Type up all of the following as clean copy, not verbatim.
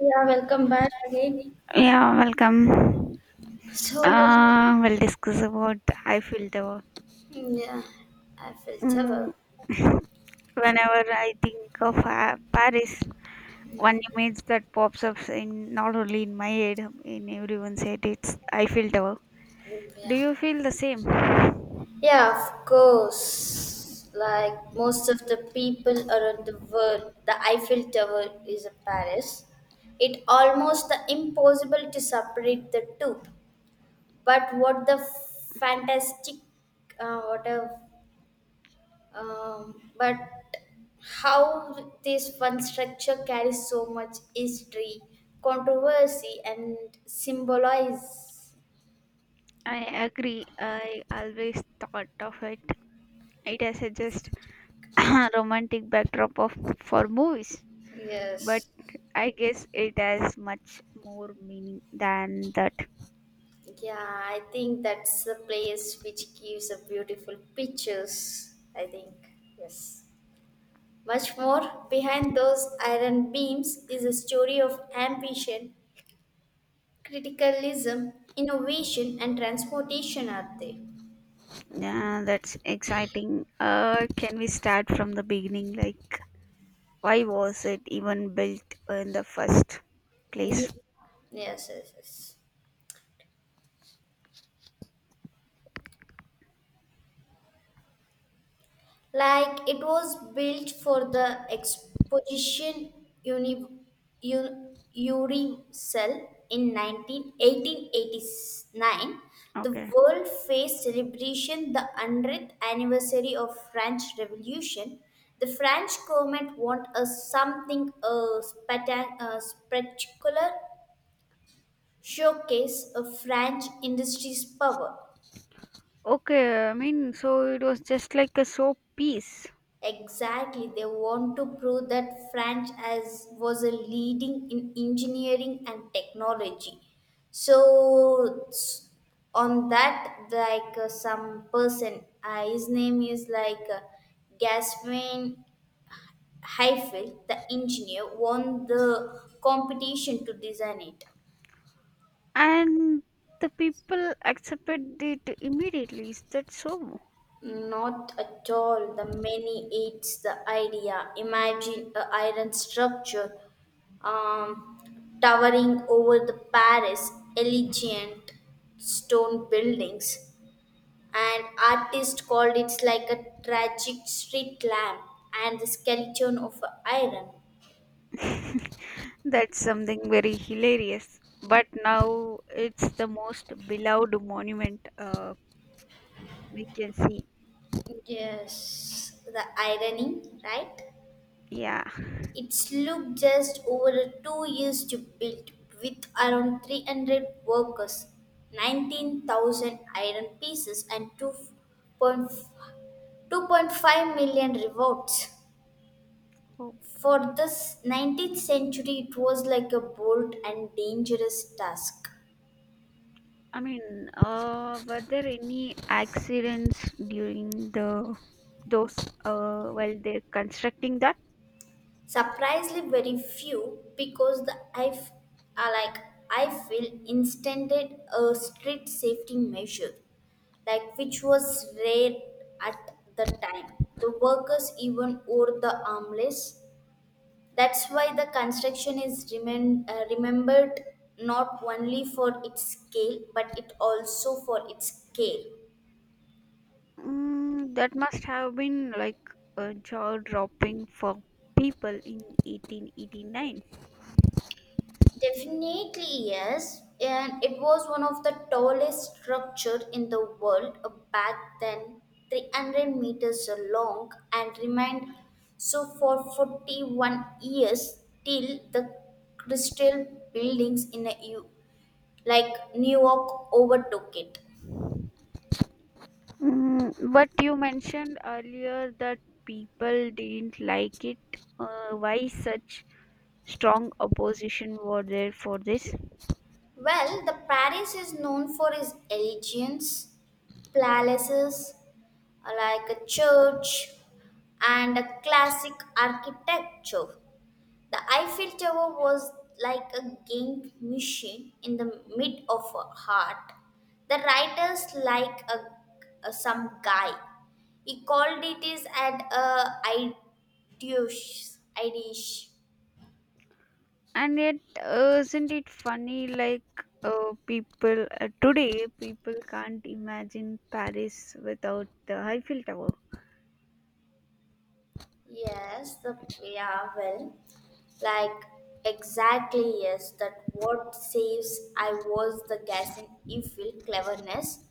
Yeah, welcome back again. Yeah, welcome. So, We'll discuss about I feel yeah, I felt terrible. mm, whenever I think of Paris, one image that pops up in not only in my head, in everyone's head. It's I feel Tower. Do Yeah, you feel the same? I yeah, of course. Like most of the people around the world, the Eiffel Tower is in Paris. It almost the impossible to separate the two. But what the fantastic, what a but how this one structure carries so much history, controversy, and symbolize. agree. I always thought of it. It as a just romantic backdrop of for movies, but Yes. I guess it has much more meaning than that. Yeah, I think that's the place which gives a beautiful pictures. I think. Yes. Much more behind those iron beams is a story of ambition, criticalism, innovation, and transportation, are there? Yeah, that's exciting. Can we start from the beginning? Like, why was it even built in the first Ye- place? Yes, yes, yes. Like it was built for the exposition uni, Uricell in nineteen 1889. The Okay. world faced celebration the 100th anniversary of French Revolution. The French government want a something a, a spectacular showcase of French industry's power. Okay, I mean, so it was just like a soap piece, Exactly, they want to prove that France as was a leading in engineering and technology. So on that, like some person, his name is like Gasman Heifel, the engineer, won the competition to design it. and the people accepted it immediately. Is that so? Not at all. The many eats the idea. Imagine a iron structure towering over the Paris, elegant stone buildings. An artist called it like a tragic street lamp and the skeleton of a iron. That's something very hilarious. But now it's the most beloved monument we can see. Yes, the irony, right? Yeah. It took just over 2 years to build, with around 300 workers, 19,000 iron pieces, and point two point 5 million revolts. Oh. For this 19th century, it was like a bold and dangerous task. I mean, were there any accidents during the those while they're constructing that? Surprisingly, very few, because the are like I feel instanted a strict safety measure, like which was rare at the time. The workers even wore the armless. That's why the construction is remembered not only for its scale but it also for its care. Mm, that must have been like jaw-dropping for people in 1889. Definitely, yes. And it was one of the tallest structure in the world back then, 300 meters long, and remained so for 41 years till the crystal buildings in a like New York overtook it. Mm, but you mentioned earlier that people didn't like it. Why such strong opposition were there for this? Well, the Paris is known for its elegance, palaces, like a church and a classic architecture. The Eiffel Tower was like a game machine in the mid of a heart. The writers like a, some guy. He called it is at a ideus, idish. And yet isn't it funny like people today people can't imagine Paris without the Eiffel Tower. Yes, the yeah, well, like exactly yes, that what saves I was the gas in evil cleverness.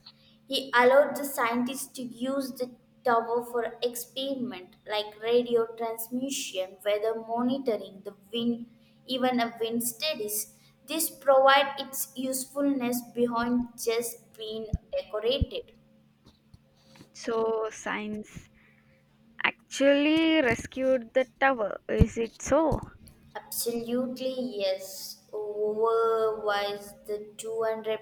He allowed the scientists to use the tower for experiment like radio transmission, weather monitoring, the wind, even a wind studies. This provide its usefulness behind just being decorated. So science actually rescued the tower, is it so? Absolutely, yes. Otherwise, the 200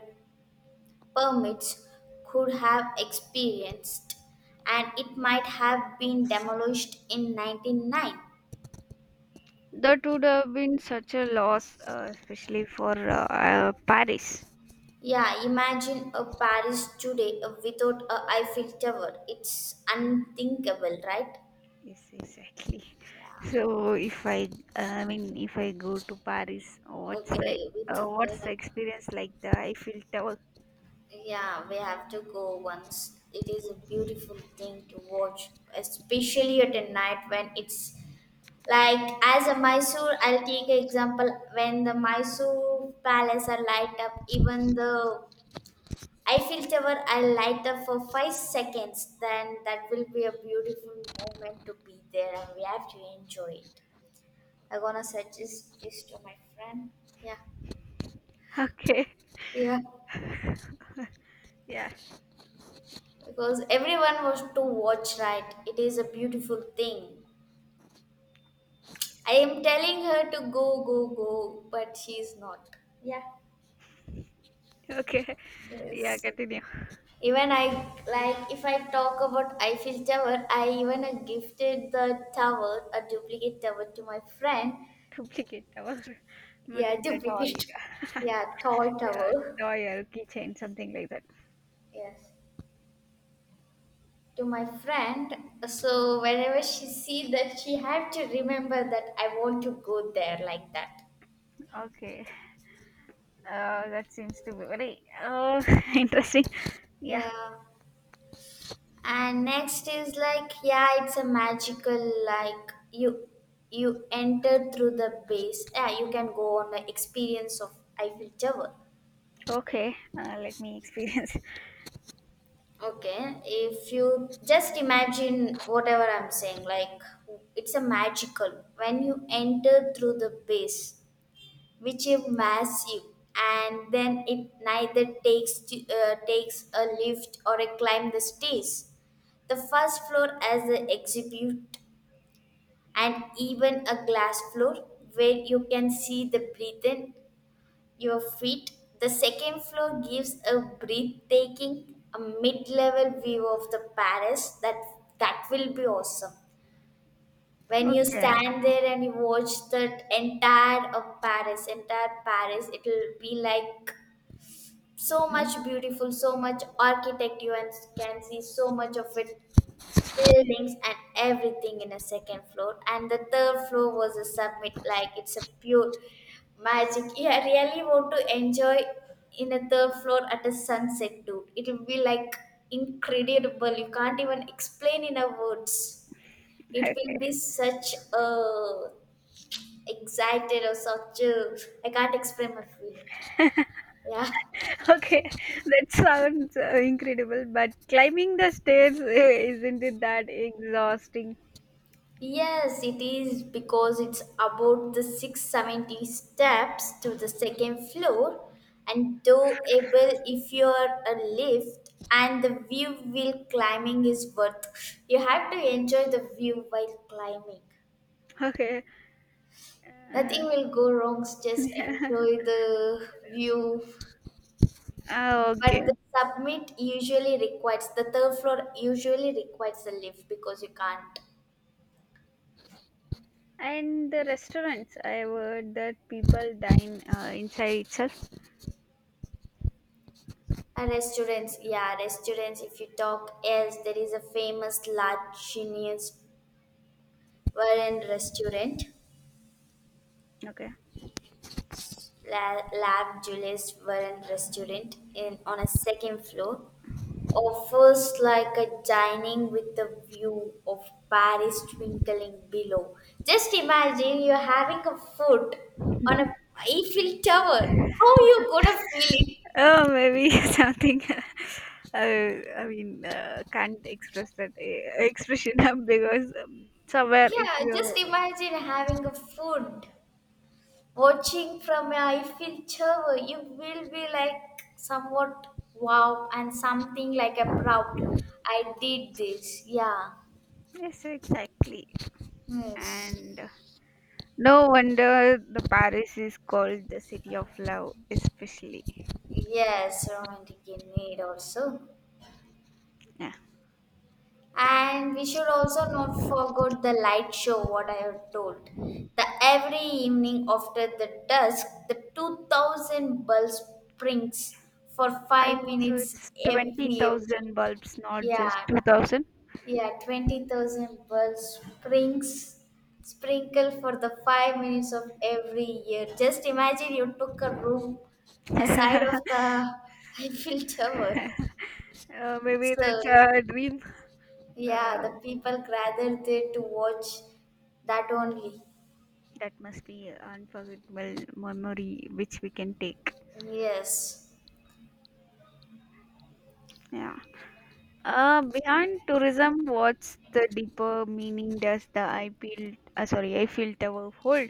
permits could have experienced and it might have been demolished in nineteen nine. That would have been such a loss, especially for Paris. Yeah, imagine a Paris today without a Eiffel Tower. It's unthinkable, right? Yes, exactly. Yeah. So if I mean if I go to Paris, Okay, with what's uh, the experience like the Eiffel Tower? yeah, we have to go once. It is a beautiful thing to watch, especially at a night when it's like as a Mysore, I'll take an example when the Mysore palace are light up, even the Eiffel Tower I'll light up for 5 seconds, then that will be a beautiful moment to be there and we have to enjoy it. I'm gonna suggest this to my friend. Yeah. Okay. Yeah. Yeah. Because everyone was to watch right. It is a beautiful thing. I am telling her to go, go, go, but she's not. Yeah. Okay, yeah, Yes. continue. Even I like if I talk about Eiffel Tower, I even gifted the tower, a duplicate tower to my friend. Duplicate our Yeah, maybe the toy, duplicate. Yeah, toy yeah, tower. toy or keychain, something like that. Yes, to my friend. So whenever she see that, she have to remember that I want to go there like that. Okay, that seems to be very interesting. Yeah, Yeah. And next is like, yeah, it's a magical like you enter through the base. Yeah, you can go on the experience of Eiffel Tower. okay, let me experience. Okay, if you just imagine whatever I'm saying, like it's a magical when you enter through the base, which immerses you, and then it neither takes takes a lift or a climb the stairs. The first floor as the exhibit, and even a glass floor where you can see the breathe in your feet. The second floor gives a breathtaking, a mid-level view of the Paris. That will be awesome. When you Okay, stand there and you watch that entire of Paris, entire Paris, it will be like so mm, much beautiful, so much architecture, and can see so much of it buildings and everything in a second floor and the third floor was a summit like it's a pure magic. Yeah, I really want to enjoy in a third floor at a sunset, dude, it will be like incredible. You can't even explain in a words. It okay, will be such a excited or such a. I can't explain my feeling. Yeah. okay, that sounds incredible, but climbing the stairs, eh, isn't it that exhausting? Yes, it is because it's about the 670 steps to the second floor and doable if you are a lift and the view while climbing is worth. You have to enjoy the view while climbing. Okay. Uh, Nothing will go wrong, just enjoy the view. ah, okay. But the submit usually requires the third floor usually requires a lift because you can't. And the restaurants, I heard that people dine inside itself. And restaurants, yeah, restaurants. If you talk else, there is a famous La Chinian's Warren restaurant, Okay. La Lab Julius Warren restaurant in on a second floor. Offers like a dining with a view of Paris twinkling below. Just imagine you're having a food on a Eiffel Tower. How you gonna feel it? Oh, maybe something. I mean, can't express that expression up because somewhere if Yeah, just you. imagine having a food watching from a Eiffel Tower, you will be like somewhat wow and something like a proud. I did this. Yeah. Yes, exactly. Yes. And no wonder the Paris is called the city of love, especially. Yes, romantic in need also. Yeah. And we should also not forget the light show, what I have told. The every evening after the dusk, the 2000 bulbs springs for I five think so. minutes It's every hour. 20,000 bulbs, not just Yeah. 2,000. Yeah, 20,000 bulbs springs sprinkle for the 5 minutes of every year. Just imagine you took a room aside uh, of the Eiffel Tower. Maybe So, that's a dream. yeah, Uh, the people gathered there to watch that only. That must be an unforgettable memory which we can take. Yes. Yeah. Beyond tourism, what's the deeper meaning does the I feel, sorry, I feel Tower hold?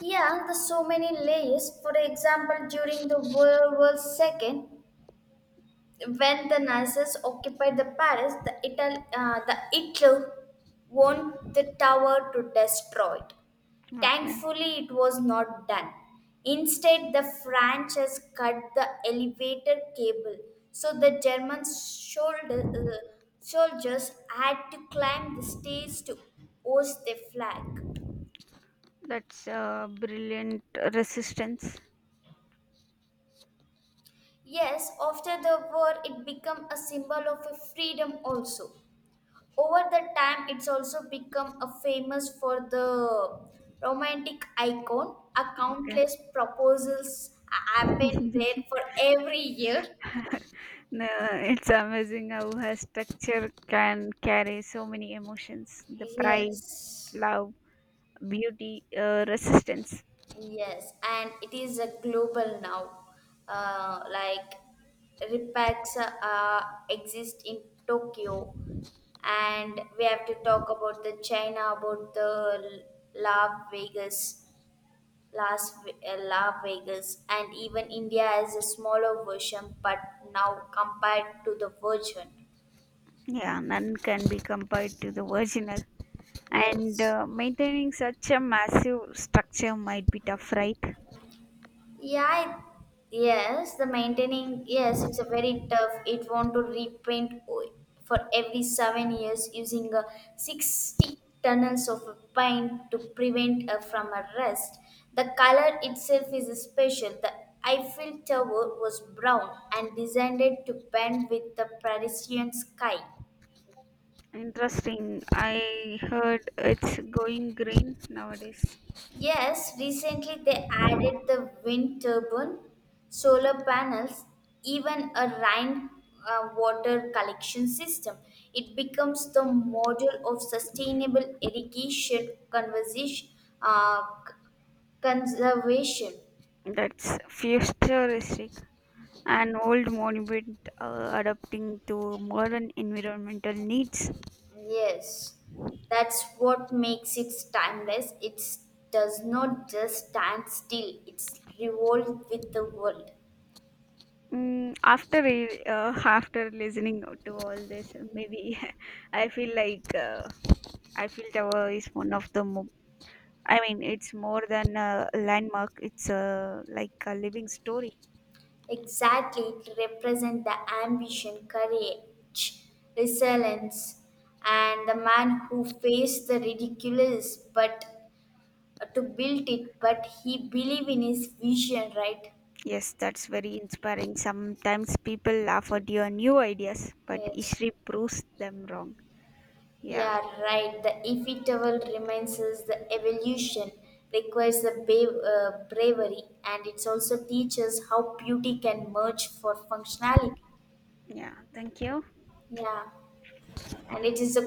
Yeah, there's so many layers. For example, during the World War Second, when the Nazis occupied the Paris, the Hitler wanted the tower to destroy it. Okay. Thankfully, it was not done. Instead, the French has cut the elevator cable, so the German soldiers had to climb the stairs to hoist the flag. That's brilliant resistance. Yes, after the war, it became a symbol of a freedom also. Over the time, it's also become a famous for the romantic icon. A Okay. countless proposals happen there for every year. No, it's amazing how her structure can carry so many emotions the pride, Yes, love, beauty, resistance. yes, and it is a global now. Like repacks exist in Tokyo, and we have to talk about the China, about the Las Vegas. Las Vegas, and even India is a smaller version, but now compared to the version. Yeah, none can be compared to the original. And Yes. Maintaining such a massive structure might be tough, right? Yeah. It, yes. The maintaining. Yes, it's a very tough. It want to repaint for every 7 years using a 60 tunnels of a paint to prevent from a rust. The color itself is special. The Eiffel Tower was brown and designed it to paint with the Parisian sky. Interesting. I heard it's going green nowadays. Yes, recently they added the wind turbine, solar panels, even a rain water collection system. It becomes the model of sustainable irrigation conversation, uh, c- conservation. That's futuristic. An old monument adapting to modern environmental needs. Yes, that's what makes it timeless. It does not just stand still, it's revolved with the world. Mm, after listening to all this, maybe I feel like Eiffel Tower is one of the. I mean, it's more than a landmark. It's like a living story. Exactly, to represent the ambition, courage, resilience, and the man who faced the ridiculous but to build it, but he believed in his vision, right? Yes, that's very inspiring. Sometimes people laugh at your new ideas, but Yes. history proves them wrong. Yeah, Yeah, right. The inevitable remains us the evolution requires the bravery and it also teaches how beauty can merge for functionality. yeah. Thank you. Yeah. And it is a